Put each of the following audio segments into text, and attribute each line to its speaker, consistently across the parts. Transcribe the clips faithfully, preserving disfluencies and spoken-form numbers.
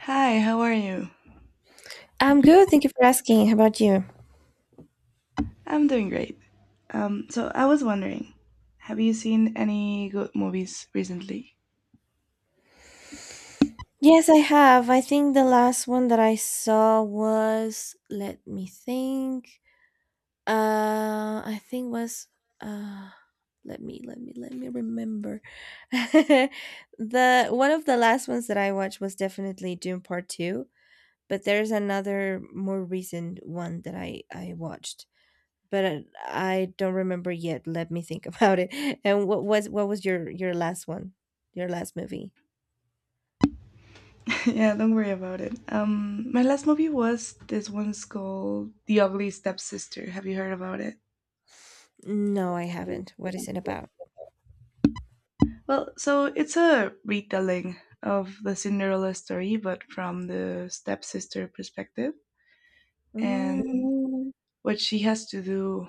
Speaker 1: Hi, how are you?
Speaker 2: I'm good. Thank you for asking. How about you?
Speaker 1: I'm doing great. Um, so I was wondering, have you seen any good movies recently?
Speaker 2: Yes, I have. I think the last one that I saw was, let me think. Uh, I think was, uh, let me, let me, let me remember. The one of the last ones that I watched was definitely Dune Part Two, but there's another more recent one that I I watched, but I, I don't remember yet. Let me think about it. And what was what was your your last one? Your last movie?
Speaker 1: yeah, don't worry about it. Um, my last movie was this one's called The Ugly Stepsister. Have you heard about it?
Speaker 2: No, I haven't. What is it about?
Speaker 1: Well, so it's a retelling of the Cinderella story, but from the stepsister perspective
Speaker 2: Mm,
Speaker 1: and what she has to do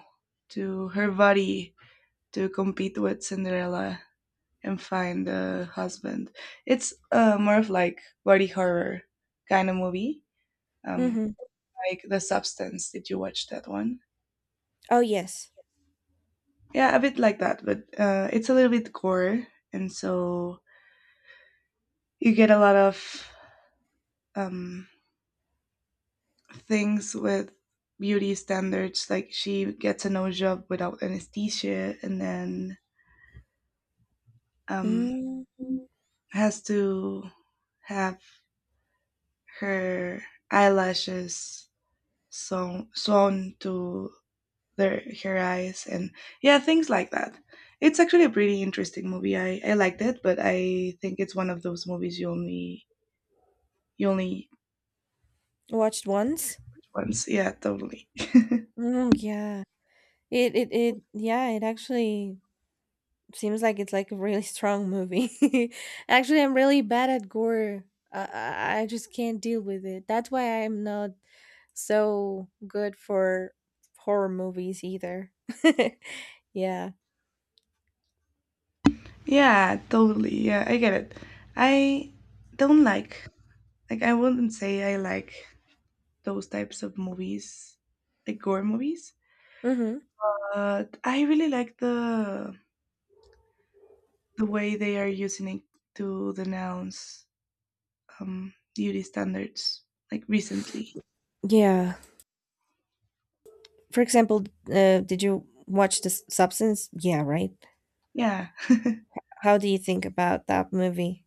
Speaker 1: to her body to compete with Cinderella and find a husband. It's uh, more of like body horror kind of movie, um,
Speaker 2: mm-hmm.
Speaker 1: like The Substance. Did you watch that one?
Speaker 2: Oh, yes.
Speaker 1: Yeah, a bit like that, but uh, it's a little bit gore, and so you get a lot of um, things with beauty standards. Like she gets a nose job without anesthesia, and then um,
Speaker 2: Mm,
Speaker 1: has to have her eyelashes sewn, sewn to their her eyes, and yeah, things like that. It's actually a pretty interesting movie. I i liked it, but I think it's one of those movies you only you only
Speaker 2: Watched once?
Speaker 1: once. Yeah totally
Speaker 2: Mm, yeah. It, it, it, yeah, it actually seems like it's like a really strong movie. Actually, I'm really bad at gore. I, I I just can't deal with it. That's why I'm not so good for horror movies either. Yeah.
Speaker 1: yeah, totally. Yeah, I get it. I don't like like I wouldn't say I like those types of movies, like gore movies,
Speaker 2: Mm-hmm.
Speaker 1: but I really like the the way they are using it to denounce um beauty standards, like recently.
Speaker 2: Yeah. For example, uh, did you watch The Substance? Yeah, right.
Speaker 1: Yeah,
Speaker 2: How do you think about that movie?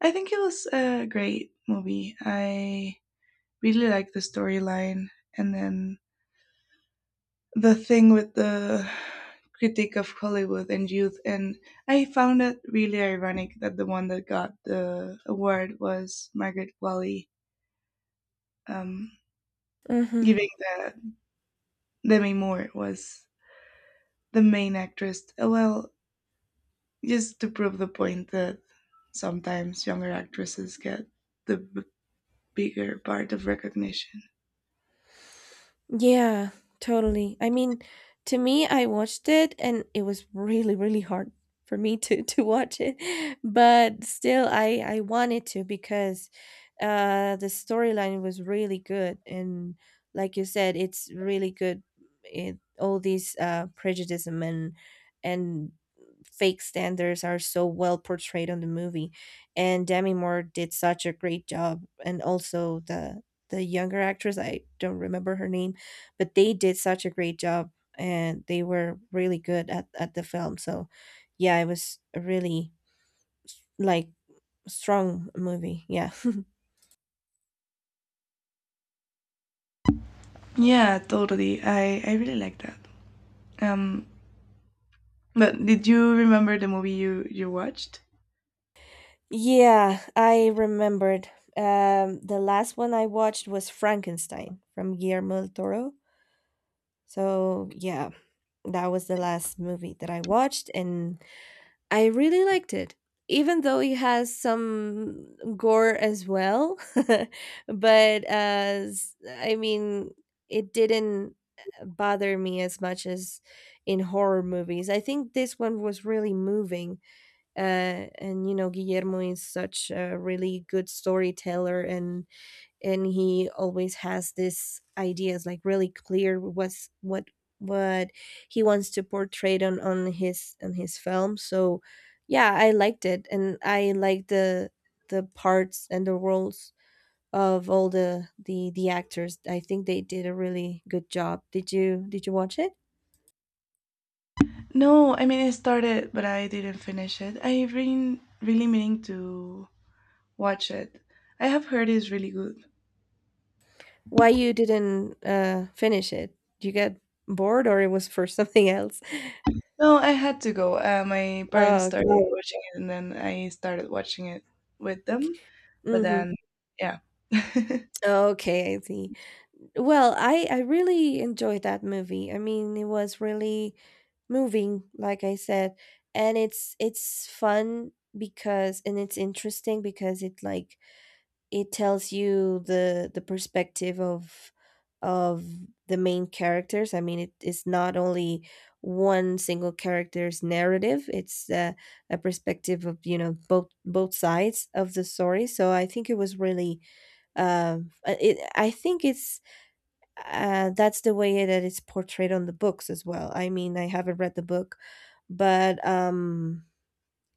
Speaker 1: I think it was a great movie. I really liked the storyline and then the thing with the critique of Hollywood and youth. And I found it really ironic that the one that got the award was Margaret Qualley, um,
Speaker 2: Mm-hmm.
Speaker 1: giving that Demi Moore was the main actress. Uh, Well, just to prove the point that sometimes younger actresses get the b- bigger part of recognition.
Speaker 2: Yeah, totally. I mean, to me, I watched it and it was really, really hard for me to to watch it, but still, I I wanted to because uh the storyline was really good and like you said, it's really good. It all these uh prejudice and and fake standards are so well portrayed on the movie, and Demi Moore did such a great job, and also the the younger actress. I don't remember her name, but they did such a great job, and they were really good at, at the film. So yeah, it was a really, like, strong movie. Yeah.
Speaker 1: Yeah, totally. I I really like that. Um, but did you remember the movie you you watched?
Speaker 2: Yeah, I remembered. Um the last one I watched was Frankenstein from Guillermo del Toro. So yeah, that was the last movie that I watched, and I really liked it. Even though it has some gore as well, but, as I mean, it didn't bother me as much as in horror movies. I think this one was really moving, uh, and you know, Guillermo is such a really good storyteller, and and he always has this ideas, like, really clear what's what what he wants to portray on on his on his film. So yeah, I liked it, and I liked the the parts and the roles of all the the the actors. I think they did a really good job. Did you did you watch it?
Speaker 1: No, I mean I started, but I didn't finish it. I really really meaning to watch it. I have heard it's really good.
Speaker 2: Why you didn't uh finish it? You got bored, or it was for something else?
Speaker 1: No, I had to go. Uh, my parents
Speaker 2: Oh,
Speaker 1: started, oh,
Speaker 2: okay.
Speaker 1: watching it, and then I started watching it with them. But
Speaker 2: Mm-hmm.
Speaker 1: then, yeah.
Speaker 2: Okay, I see. Well, I I really enjoyed that movie. I mean, it was really moving, like I said, and it's it's fun because and it's interesting because it like it tells you the the perspective of of the main characters. I mean, it is not only one single character's narrative. It's uh, a perspective of, you know, both both sides of the story. So I think it was really um uh, it, I think it's uh, that's the way that it's portrayed on the books as well. I mean, I haven't read the book, but um,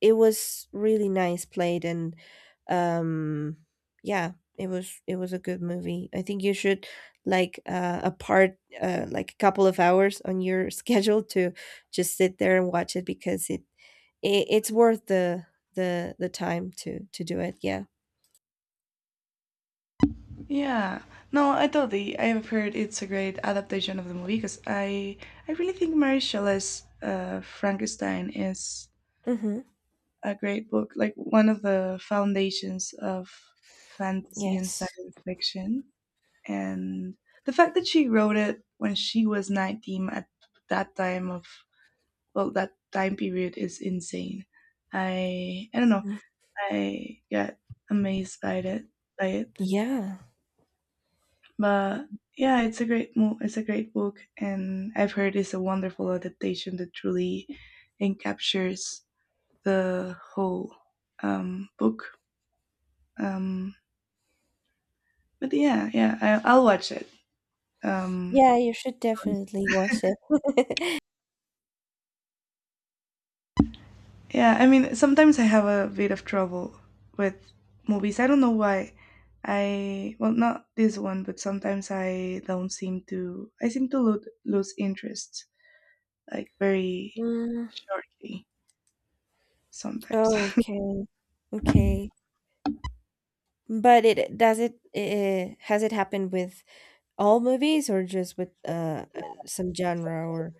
Speaker 2: it was really nice played, and um, yeah, it was it was a good movie. I think you should, like, uh, a part uh, like a couple of hours on your schedule to just sit there and watch it, because it, it it's worth the the the time to to do it. Yeah.
Speaker 1: Yeah, no, I totally. I have heard it's a great adaptation of the movie because I I really think Mary Shelley's uh, Frankenstein is
Speaker 2: Hmm.
Speaker 1: a great book, like one of the foundations of fantasy and
Speaker 2: Yes.
Speaker 1: science fiction. And the fact that she wrote it when she was nineteen at that time of, well, that time period is insane. I I don't know.
Speaker 2: Mm.
Speaker 1: I got amazed by it by it.
Speaker 2: Yeah.
Speaker 1: But yeah, it's a great mo- it's a great book, and I've heard it's a wonderful adaptation that truly encaptures the whole um, book. Um, but yeah, yeah, I, I'll watch it. Um,
Speaker 2: Yeah, you should definitely watch it.
Speaker 1: yeah, I mean, sometimes I have a bit of trouble with movies. I don't know why. I Well, not this one, but sometimes I don't seem to. I seem to lo- lose interest, like very
Speaker 2: Mm,
Speaker 1: shortly sometimes.
Speaker 2: oh, okay, okay. But it does it, uh has it happened with all movies, or just with uh uh, some genre? Or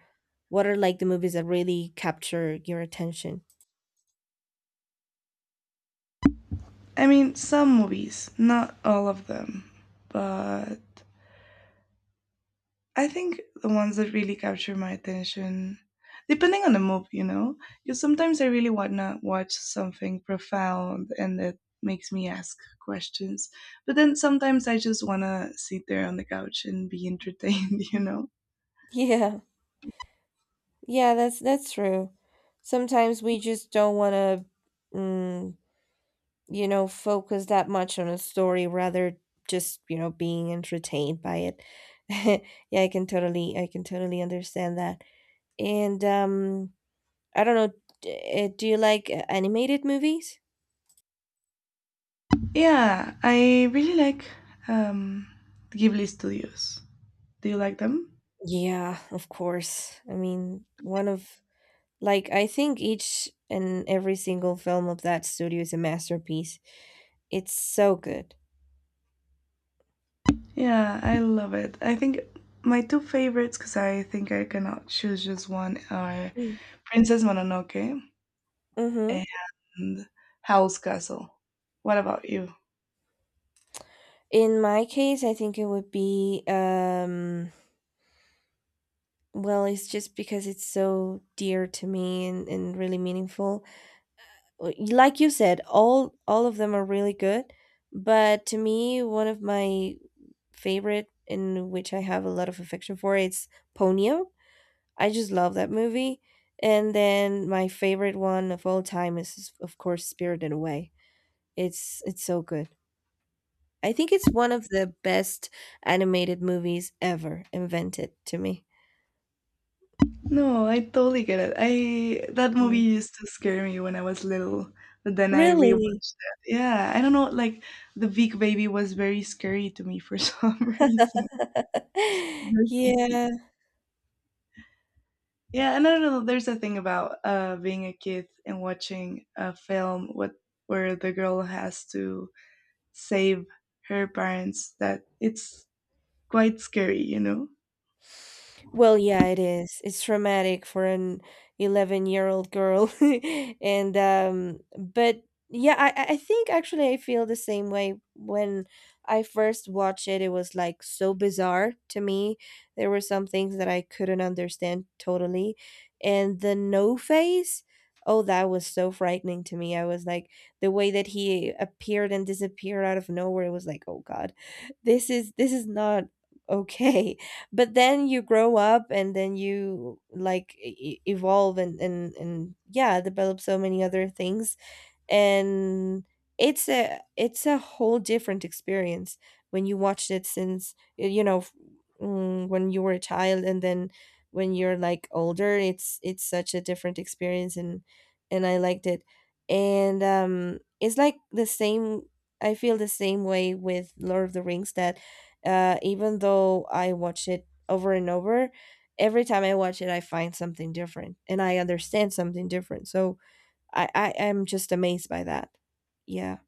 Speaker 2: what are, like, the movies that really capture your attention?
Speaker 1: I mean, some movies, not all of them, but I think the ones that really capture my attention, depending on the mood, you know, because sometimes I really wanna watch something profound and that makes me ask questions, but then sometimes I just wanna sit there on the couch and be entertained, you know.
Speaker 2: Yeah, yeah, that's that's true. Sometimes we just don't want to, mm, you know, focus that much on a story, rather just, you know, being entertained by it. Yeah, I can totally, I can totally understand that. And um, I don't know, d- uh, do you like uh, animated movies?
Speaker 1: Yeah, I really like um, Ghibli Studios. Do you like them?
Speaker 2: Yeah, of course. I mean, one of like, I think each and every single film of that studio is a masterpiece. It's so good.
Speaker 1: Yeah, I love it. I think my two favorites, because I think I cannot choose just one, are Princess Mononoke
Speaker 2: Mm-hmm.
Speaker 1: and Howl's Castle. What about you?
Speaker 2: In my case, I think it would be um well, it's just because it's so dear to me, and, and really meaningful. Uh, Like you said, all all of them are really good, but to me, one of my favorite in which I have a lot of affection for, it's Ponyo. I just love that movie. And then my favorite one of all time is, of course, Spirited Away. It's it's so good. I think it's one of the best animated movies ever invented to me.
Speaker 1: No, I totally get it. I That movie
Speaker 2: Mm.
Speaker 1: used to scare me when I was little, but then I rewatched
Speaker 2: Really?
Speaker 1: it. Yeah, I don't know, like the Vic baby was very scary to me for some reason. Very creepy.
Speaker 2: Yeah.
Speaker 1: Yeah, and I don't know. There's a thing about uh being a kid and watching a film with where the girl has to save her parents that it's quite scary, you know.
Speaker 2: Well, yeah, it is. It's traumatic for an eleven-year-old girl. And um but yeah, I I I think actually I feel the same way when I first watched it. It was like so bizarre to me. There were some things that I couldn't understand totally. And the no face, oh, that was so frightening to me. I was like, the way that he appeared and disappeared out of nowhere, it was like, "Oh, God. This is this is not okay." But then you grow up, and then you, like, e- e- evolve, and and and yeah, develop so many other things, and it's a it's a whole different experience when you watched it since y- you know f- mm, when you were a child, and then when you're, like, older, it's it's such a different experience, and and I liked it. And um it's like the same. I feel the same way with Lord of the Rings, that uh even though I watch it over and over, every time I watch it I find something different, and I understand something different. So I I am just amazed by that. Yeah.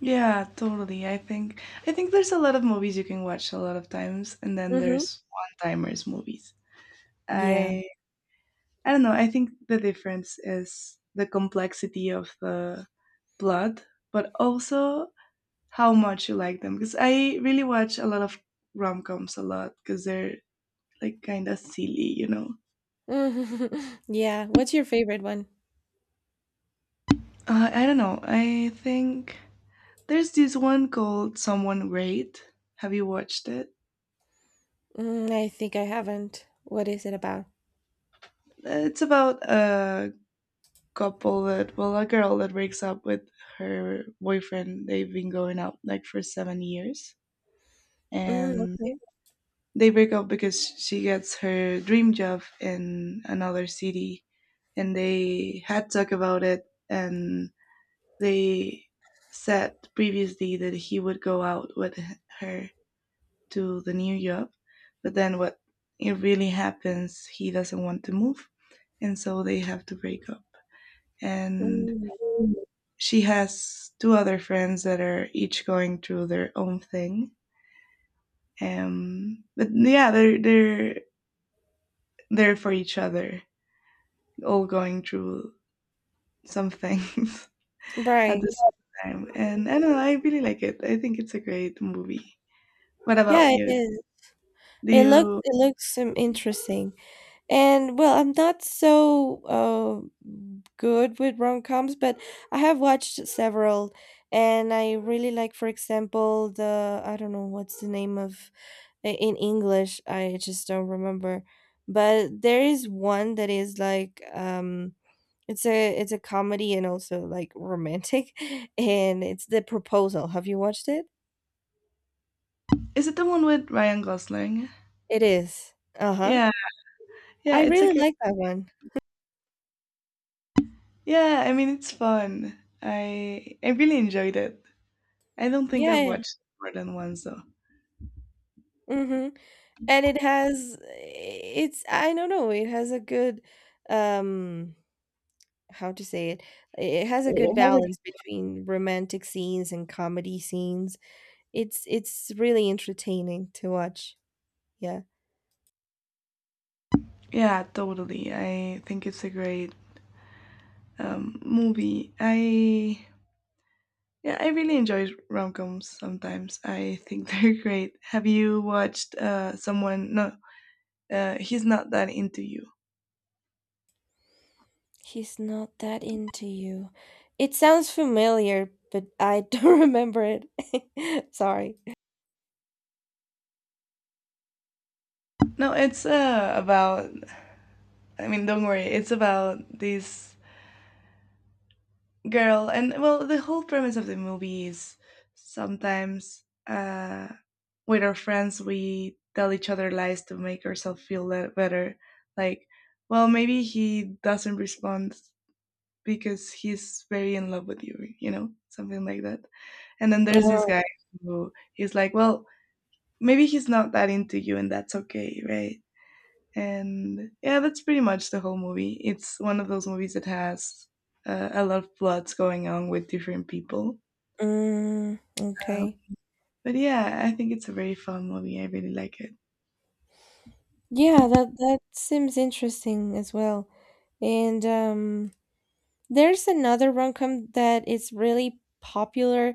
Speaker 1: Yeah, totally. I think i think there's a lot of movies you can watch a lot of times, and then
Speaker 2: Mhm.
Speaker 1: there's one timers movies.
Speaker 2: Yeah.
Speaker 1: I i don't know. I think the difference is the complexity of the plot, but also how much you like them, because I really watch a lot of rom-coms a lot because they're like kind of silly, you know.
Speaker 2: Mhm. Yeah. What's your favorite one?
Speaker 1: uh, I don't know, I think there's this one called Someone Great. Have you watched it?
Speaker 2: Mm, I think I haven't. What is it about?
Speaker 1: It's about a couple that, well, a girl that breaks up with her boyfriend. They've been going out like for seven years.
Speaker 2: Mm,
Speaker 1: And
Speaker 2: okay.
Speaker 1: they break up because she gets her dream job in another city. And they had talk about it. And they said previously that he would go out with her to the new job. But then what it really happens, he doesn't want to move, and so they have to break up. And
Speaker 2: Mm,
Speaker 1: she has two other friends that are each going through their own thing. Um, but yeah, they're they're there for each other, all going through some things at the
Speaker 2: right.
Speaker 1: same time. And I don't know, I really like it. I think it's a great movie. What about
Speaker 2: Yeah, it
Speaker 1: you?
Speaker 2: is.
Speaker 1: Do
Speaker 2: It looks
Speaker 1: you?
Speaker 2: it looks um, interesting. And, well, I'm not so uh, good with rom-coms, but I have watched several, and I really like, for example, the I don't know what's the name of i- in English. I just don't remember, but there is one that is, like, um, it's a it's a comedy and also, like, romantic, and it's The Proposal. Have you watched it?
Speaker 1: Is it the one with Ryan Gosling?
Speaker 2: It is. Uh huh.
Speaker 1: Yeah, yeah,
Speaker 2: I
Speaker 1: it's a
Speaker 2: really
Speaker 1: great.
Speaker 2: like that one.
Speaker 1: Yeah, I mean it's fun. I I really enjoyed it. I don't think I've
Speaker 2: Yeah.
Speaker 1: watched it more than once though.
Speaker 2: Mm-hmm. And it has it's, I don't know, it has a good, um how to say it. It has a good
Speaker 1: It has a
Speaker 2: balance between romantic scenes and comedy scenes. It's it's really entertaining to watch. Yeah.
Speaker 1: Yeah, totally. I think it's a great um, movie. I Yeah, I really enjoy rom-coms sometimes. I think they're great. Have you watched uh, someone? No, uh, he's not that into you.
Speaker 2: He's not that into you. It sounds familiar, but I don't remember it. Sorry.
Speaker 1: No, it's uh, about. I mean, don't worry. It's about this girl, and well, the whole premise of the movie is sometimes uh with our friends we tell each other lies to make ourselves feel le- better, like, well, maybe he doesn't respond because he's very in love with you, you know, something like that. And then there's this
Speaker 2: Oh,
Speaker 1: guy who he's like, well, maybe he's not that into you, and that's okay, right? And yeah, that's pretty much the whole movie. It's one of those movies that has uh, a lot of plots going on with different people.
Speaker 2: mm,
Speaker 1: Um,
Speaker 2: okay.
Speaker 1: but yeah, I think it's a very fun movie. I really like it.
Speaker 2: Yeah, that that seems interesting as well. And um there's another rom-com that is really popular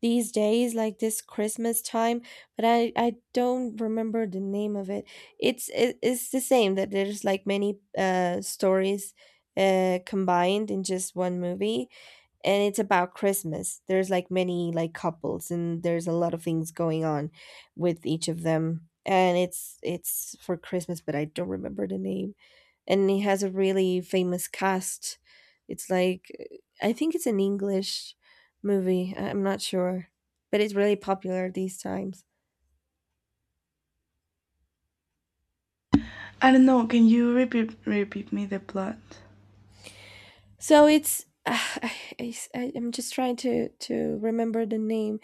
Speaker 2: these days, like, this Christmas time, but I I don't remember the name of it. It's it, it's the same, that there's, like, many uh stories uh combined in just one movie, and it's about Christmas. There's, like, many, like, couples, and there's a lot of things going on with each of them, and it's it's for Christmas, but I don't remember the name, and it has a really famous cast. It's, like, I think it's an English movie. I'm not sure, but it's really popular these times.
Speaker 1: I don't know. Can you repeat repeat me the plot?
Speaker 2: So it's I, I, I'm just trying to to remember the name.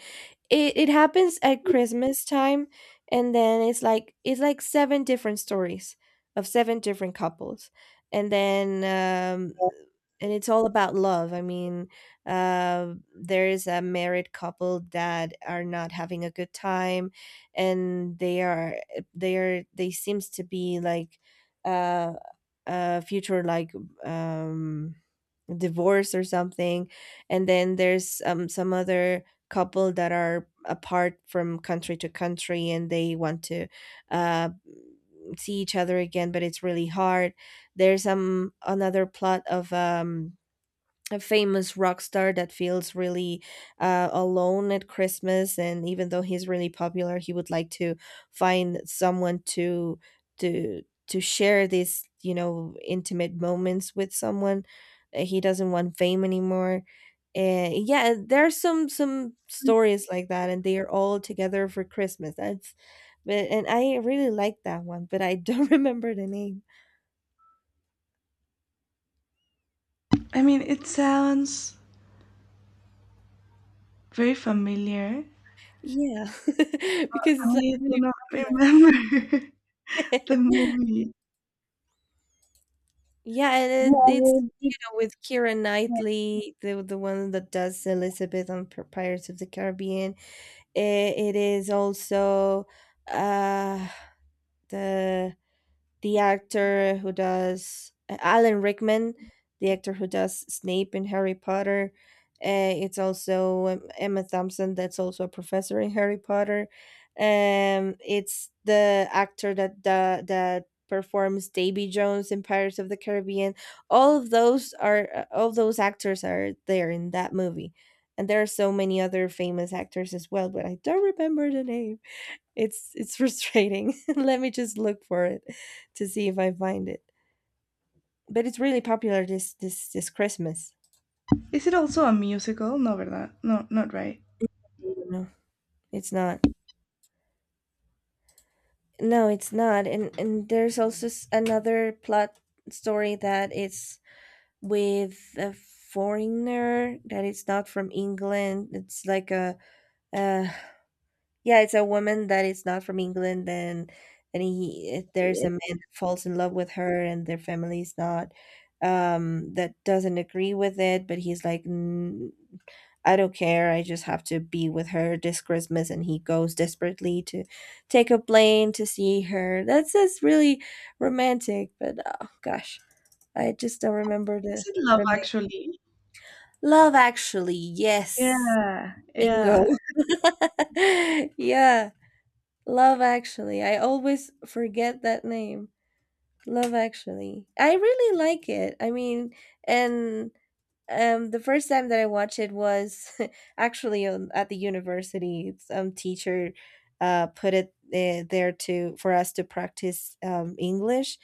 Speaker 2: It it happens at Christmas time, and then it's like it's like seven different stories of seven different couples, and then, um, and it's all about love. I mean, uh, there is a married couple that are not having a good time, and they are they are they seems to be like, uh, a future, like, um divorce or something. And then there's um some other couple that are apart from country to country, and they want to uh, see each other again, but it's really hard. There's um another plot of um a famous rock star that feels really, uh, alone at Christmas, and even though he's really popular, he would like to find someone to to to share these you know intimate moments with someone. Uh, He doesn't want fame anymore. Uh, yeah, there's some some stories like that, and they are all together for Christmas. That's but and I really like that one, but I don't remember the name.
Speaker 1: I mean, it sounds very familiar.
Speaker 2: Yeah, because it's
Speaker 1: I
Speaker 2: like
Speaker 1: do
Speaker 2: really
Speaker 1: not
Speaker 2: popular.
Speaker 1: remember the movie.
Speaker 2: Yeah, and it,
Speaker 1: No,
Speaker 2: it's,
Speaker 1: it-
Speaker 2: you know, with Keira Knightley, the the one that does Elizabeth on P- Pirates of the Caribbean. It, it is also uh the the actor who does Alan Rickman, the actor who does Snape in Harry Potter. Uh, it's also um, Emma Thompson, that's also a professor in Harry Potter. Um, it's the actor that the, that performs Davy Jones in Pirates of the Caribbean. All of those are uh, all those actors are there in that movie, and there are so many other famous actors as well, but I don't remember the name. It's it's frustrating. Let me just look for it to see if I find it. But it's really popular this this this Christmas.
Speaker 1: Is it also a musical? No, verdad? No, not right.
Speaker 2: No, it's not. No, it's not. And and there's also s- another plot story that it's with a foreigner that it's not from England. It's like a uh yeah, it's a woman that is not from England, and and he if there's a man that falls in love with her, and their family is not um, that doesn't agree with it, but he's like, "N- I don't care, I just have to be with her this Christmas," and he goes desperately to take a plane to see her. That's just really romantic, but oh gosh, I just don't remember
Speaker 1: Is
Speaker 2: the
Speaker 1: it Love
Speaker 2: the name.
Speaker 1: Actually?
Speaker 2: Love Actually, yes,
Speaker 1: Yeah,
Speaker 2: bingo,
Speaker 1: yeah,
Speaker 2: yeah. Love Actually. I always forget that name. Love Actually. I really like it. I mean, and um, the first time that I watched it was actually on, at the university. Some teacher uh, put it uh, there to for us to practice um, English,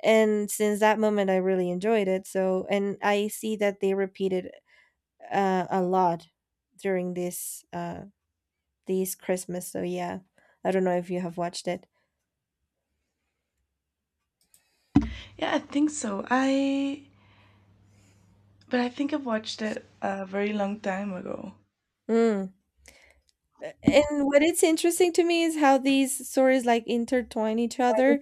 Speaker 2: and since that moment, I really enjoyed it. So, and I see that they repeated uh, a lot during this uh, these Christmas. So yeah, I don't know if you have watched it.
Speaker 1: yeah. I think so. I But I think I've watched it a very long time ago.
Speaker 2: Mm. And what it's interesting to me is how these stories like intertwine each other.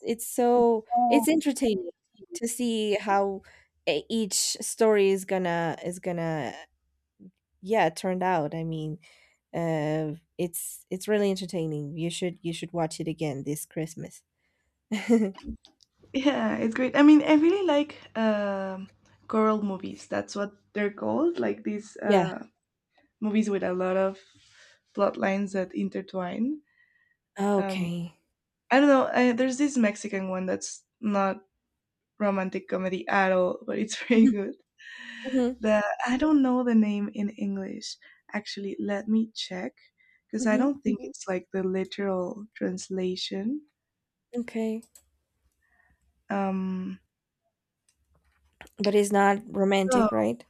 Speaker 2: It's so
Speaker 1: Oh,
Speaker 2: it's entertaining to see how e- each story is gonna is gonna yeah turned out. I mean, uh, it's it's really entertaining. You should you should watch it again this Christmas.
Speaker 1: yeah, it's great. I mean, I really like um choral movies. That's what they're called, like these
Speaker 2: Yeah.
Speaker 1: uh, movies with a lot of plot lines that intertwine. Um,
Speaker 2: Okay.
Speaker 1: I don't know. I, there's this Mexican one that's not romantic comedy at all, but it's very good.
Speaker 2: Mm-hmm.
Speaker 1: The I don't know the name in English. Actually, let me check because I
Speaker 2: Hmm.
Speaker 1: don't think mhm. it's like the literal translation.
Speaker 2: Okay.
Speaker 1: Um,
Speaker 2: But it's not
Speaker 1: so
Speaker 2: romantic, right?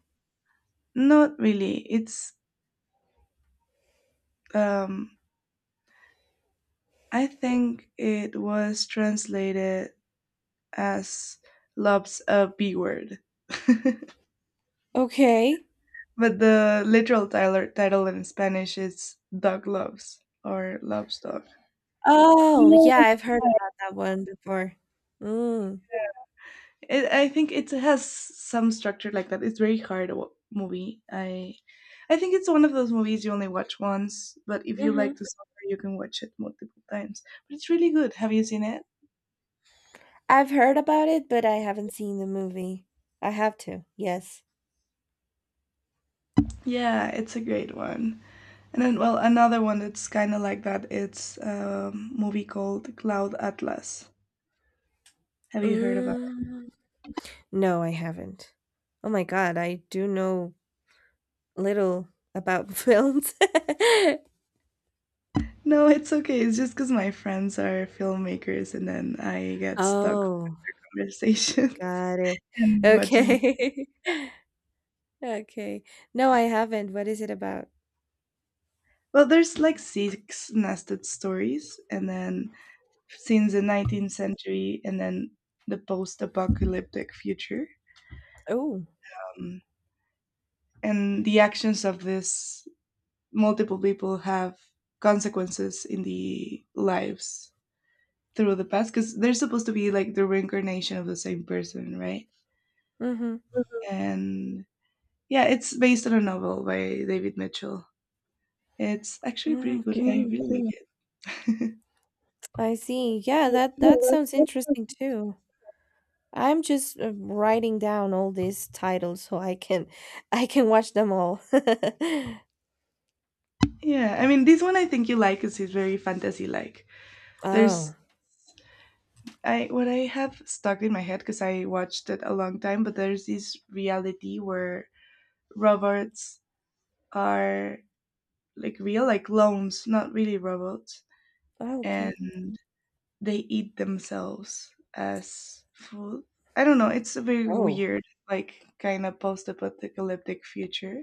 Speaker 1: not really. It's um, I think it was translated as "loves a b word,"
Speaker 2: Okay.
Speaker 1: but the literal title title in Spanish is "dog loves" or "loves dog."
Speaker 2: Oh, yeah,
Speaker 1: Yeah.
Speaker 2: I've heard about that one before. Mm.
Speaker 1: It, I think it has some structure like that. It's very hard to wa- movie. I I think it's one of those movies you only watch once, but if you like
Speaker 2: Mhm.
Speaker 1: the song, you can watch it multiple times. But it's really good. Have you seen it?
Speaker 2: I've heard about it, but I haven't seen the movie. I have to, yes.
Speaker 1: Yeah, it's a great one. And then, well, another one that's kind of like that. It's a movie called Cloud Atlas. Have you heard of it?
Speaker 2: Mm, no, I haven't. Oh my god, I do know little about films.
Speaker 1: No, it's okay. It's just because my friends are filmmakers, and then I get stuck in
Speaker 2: Oh,
Speaker 1: conversations
Speaker 2: got it.
Speaker 1: and watching.
Speaker 2: Okay. Okay. No, I haven't. What is it about?
Speaker 1: Well, there's like six nested stories, and then since the nineteenth century, and then the post-apocalyptic future.
Speaker 2: Oh.
Speaker 1: Um, and the actions of this multiple people have consequences in the lives through the past because they're supposed to be like the reincarnation of the same person, right?
Speaker 2: Mm-hmm.
Speaker 1: And yeah, it's based on a novel by David Mitchell. It's actually pretty good. Yeah, I
Speaker 2: Okay.
Speaker 1: really like it.
Speaker 2: I see. Yeah, that that sounds interesting too. I'm just uh, writing down all these titles so I can I can watch them all.
Speaker 1: Yeah, I mean, this one I think you like because it's very fantasy like. There's
Speaker 2: Oh.
Speaker 1: I, what I have stuck in my head because I watched it a long time, but there's this reality where robots are like real, like clones, not really robots,
Speaker 2: Oh,
Speaker 1: and
Speaker 2: okay.
Speaker 1: they eat themselves as food. I don't know. It's a very
Speaker 2: Oh.
Speaker 1: weird, like kind of post-apocalyptic future,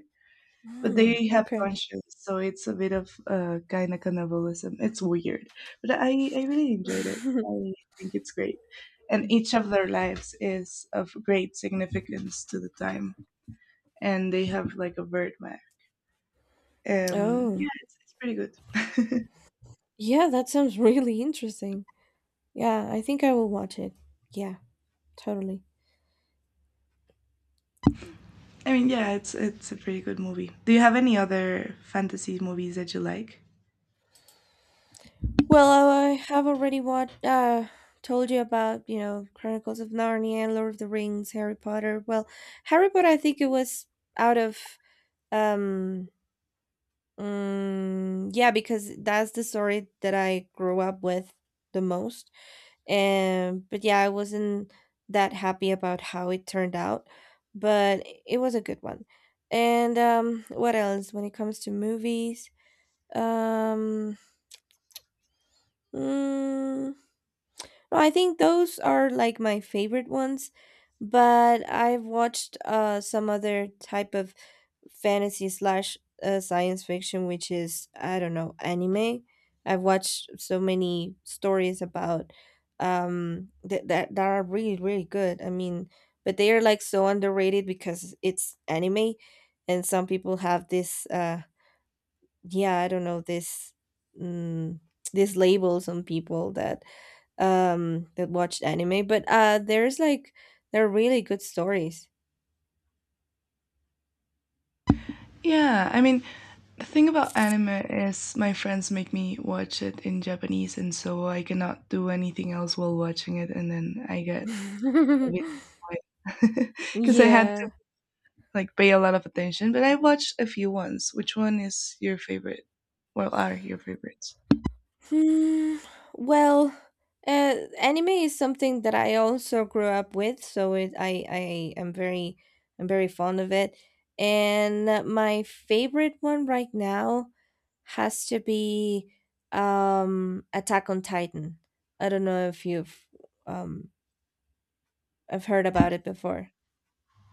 Speaker 1: but
Speaker 2: Hmm,
Speaker 1: they have
Speaker 2: okay.
Speaker 1: conscience, so it's a bit of uh, kind of cannibalism. It's weird, but I I really enjoyed it. I think it's great, and each of their lives is of great significance to the time, and they have like a birdman. Um, yeah,
Speaker 2: Oh.
Speaker 1: it's, it's pretty good.
Speaker 2: Yeah, that sounds really interesting. Yeah, I think I will watch it. Yeah, totally.
Speaker 1: I mean, yeah, it's it's a pretty good movie. Do you have any other fantasy movies that you like?
Speaker 2: Well, I I have already watched uh told you about, you know, Chronicles of Narnia, Lord of the Rings, Harry Potter. Well, Harry Potter I think it was out of um Um. yeah, because that's the story that I grew up with the most. And but yeah, I wasn't that happy about how it turned out, but it was a good one. And um, what else when it comes to movies? Um, mm, no, I think those are like my favorite ones, but I've watched uh some other type of fantasy slash uh, science fiction, which is I don't know anime. I've watched so many stories about um that that that are really really good. I mean, but they are like so underrated because it's anime, and some people have this uh yeah I don't know this mm, this labels on people that um that watched anime, but uh there's like they're really good stories.
Speaker 1: Yeah, I mean, the thing about anime is my friends make me watch it in Japanese, and so I cannot do anything else while watching it, and then I get a bit annoyed because I had to
Speaker 2: Yeah.
Speaker 1: like pay a lot of attention. But I watched a few ones. Which one is your favorite? Well, are your favorites?
Speaker 2: Hmm, well, uh, anime is something that I also grew up with, so it I I am very I'm very fond of it, and uh, my favorite one right now has to be um Attack on Titan. I don't know if you've um I've heard about it before.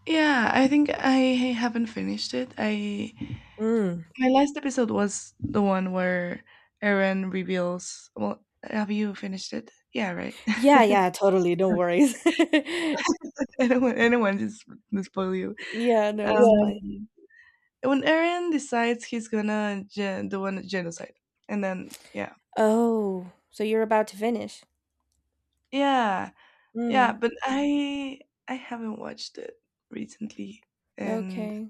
Speaker 1: Yeah, I think I haven't finished it. I
Speaker 2: Mm.
Speaker 1: My last episode was the one where Aaron reveals. Well, have you finished it? Yeah, right.
Speaker 2: Yeah, yeah, totally. No worries.
Speaker 1: I don't want anyone just to spoil you.
Speaker 2: Yeah, no, it's fine.
Speaker 1: Um, Yeah. when Aaron decides he's gonna gen- do one genocide, and then yeah,
Speaker 2: Oh, so you're about to finish.
Speaker 1: yeah, yeah.
Speaker 2: Mm.
Speaker 1: But I I haven't watched it recently, and
Speaker 2: Okay.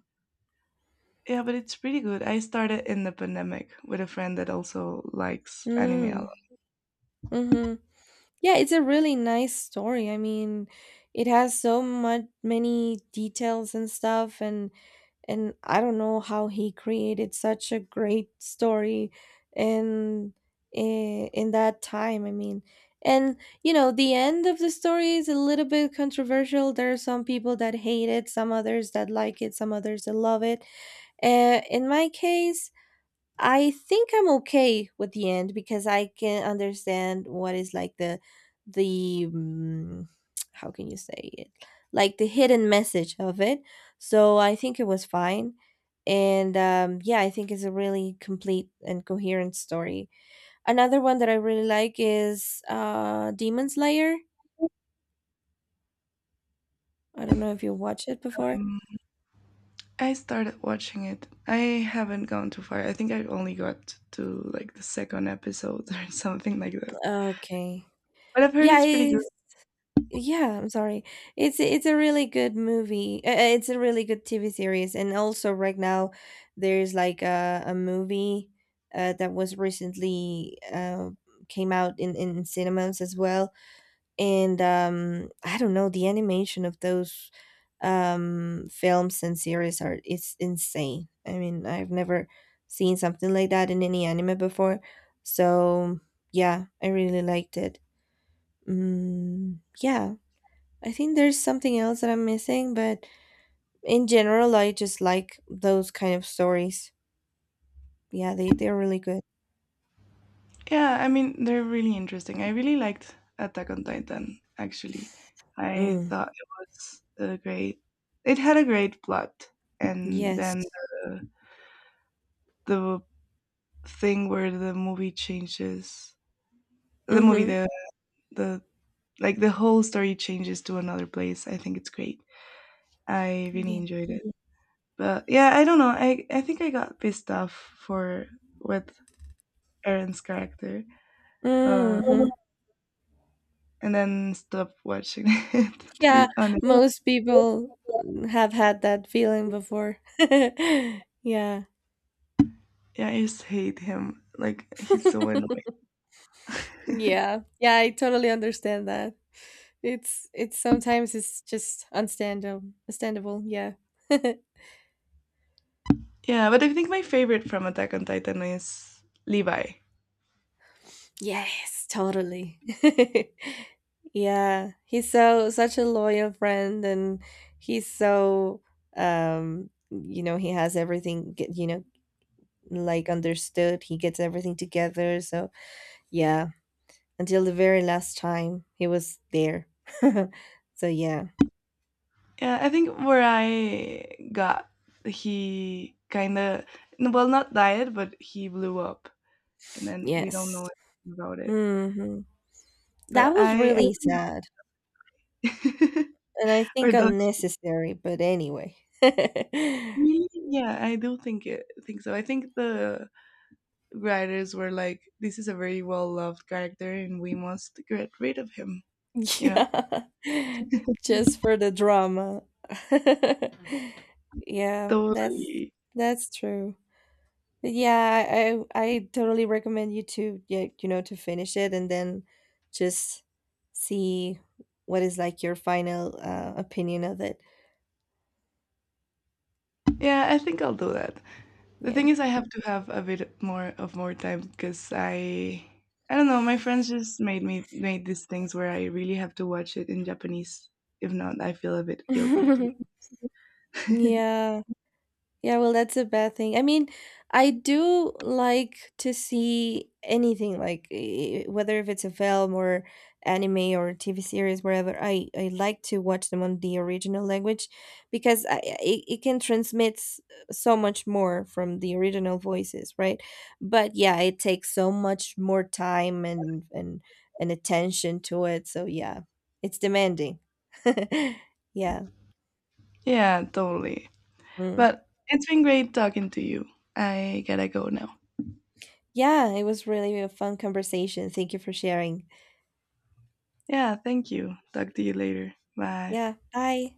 Speaker 1: yeah, but it's pretty good. I started in the pandemic with a friend that also likes anime a
Speaker 2: Mm. Mhm. Yeah, it's a really nice story. I mean, it has so much many details and stuff and and I don't know how he created such a great story in in, in that time. I mean, and you know, the end of the story is a little bit controversial. There are some people that hate it, some others that like it, some others that love it. Uh, in my case, I think I'm okay with the end because I can understand what is like the the mm, how can you say it like the hidden message of it. So I think it was fine, and um, yeah, I think it's a really complete and coherent story. Another one that I really like is uh, Demon Slayer. I don't know if you watched it before.
Speaker 1: lot. I started watching it. I haven't gone too far. I think I only got to like the second episode or something like that.
Speaker 2: Okay.
Speaker 1: But I've heard
Speaker 2: Yeah,
Speaker 1: it's pretty
Speaker 2: I
Speaker 1: good.
Speaker 2: Yeah, I'm sorry. It's it's a really good movie. Uh, uh, it's a really good T V series, and also right now there's like a, a movie uh, that was recently uh, came out in in cinemas as well. And um, I don't know, the animation of those um, films and series are it's insane. I mean, I've never seen something like that in any anime before. So yeah, I really liked it. Mm, yeah. I think there's something else that I'm missing, but in general, I just like those kind of stories. Yeah, they, they're really good.
Speaker 1: Yeah, I mean, they're really interesting. I really liked Attack on Titan, actually. I
Speaker 2: Mm,
Speaker 1: thought it was a great, it had a great plot. And
Speaker 2: yes.
Speaker 1: then the, the thing where the movie changes, the movie,
Speaker 2: Mm-hmm.
Speaker 1: the, the, like the whole story changes to another place. I think it's great. I really
Speaker 2: Yeah.
Speaker 1: enjoyed it. But yeah, I don't know. I I think I got pissed off for with Aaron's character, uh,
Speaker 2: Mm-hmm.
Speaker 1: and then stopped watching it. To
Speaker 2: Yeah,
Speaker 1: be honest,
Speaker 2: most people have had that feeling before. Yeah.
Speaker 1: yeah, I just hate him. Like he's so annoying.
Speaker 2: Yeah. Yeah, I totally understand that. It's it's sometimes it's just unstandable. Understandable, yeah.
Speaker 1: Yeah, but I think my favorite from Attack on Titan is Levi.
Speaker 2: Yes, totally. Yeah, he's so such a loyal friend, and he's so um, you know, he has everything, get- you know, like understood. He gets everything together. So yeah, until the very last time he was there. So yeah,
Speaker 1: Yeah, I think where I got, he kind of, well, not died, but he blew up, and then we don't
Speaker 2: yes.
Speaker 1: know anything about it.
Speaker 2: Hmm. That
Speaker 1: But
Speaker 2: was
Speaker 1: I, I
Speaker 2: really
Speaker 1: don't
Speaker 2: sad,
Speaker 1: know.
Speaker 2: and I
Speaker 1: Or
Speaker 2: think
Speaker 1: does?
Speaker 2: unnecessary. But anyway.
Speaker 1: Really? Yeah, I do think it think so. I think the writers were like, "This is a very well loved character, and we must get rid of him." You know.
Speaker 2: Yeah,
Speaker 1: Mhm.
Speaker 2: just for the drama. Yeah, that's
Speaker 1: Totally.
Speaker 2: that's true. Yeah, I I totally recommend you to yeah, you know, to finish it and then just see what is like your final uh, opinion of it.
Speaker 1: Yeah, I think I'll do that. The
Speaker 2: Yeah.
Speaker 1: thing is, I have to have a bit more of more time because I, I don't know. My friends just made me made these things where I really have to watch it in Japanese. If not, I feel a bit guilty to be.
Speaker 2: Yeah. Yeah, well, that's a bad thing. I mean, I do like to see anything, like eh, whether if it's a film or anime or T V series, wherever. I I like to watch them on the original language because I, I- it, it can transmit s- so much more from the original voices, right? But yeah, it takes so much more time and and and attention to it. So yeah, it's demanding. Yeah.
Speaker 1: Yeah, totally.
Speaker 2: Mm.
Speaker 1: But it's been great talking to you. I gotta go now.
Speaker 2: Yeah, it was really a fun conversation. Thank you for sharing.
Speaker 1: Yeah, thank you. Talk to you later. Bye.
Speaker 2: Yeah, bye.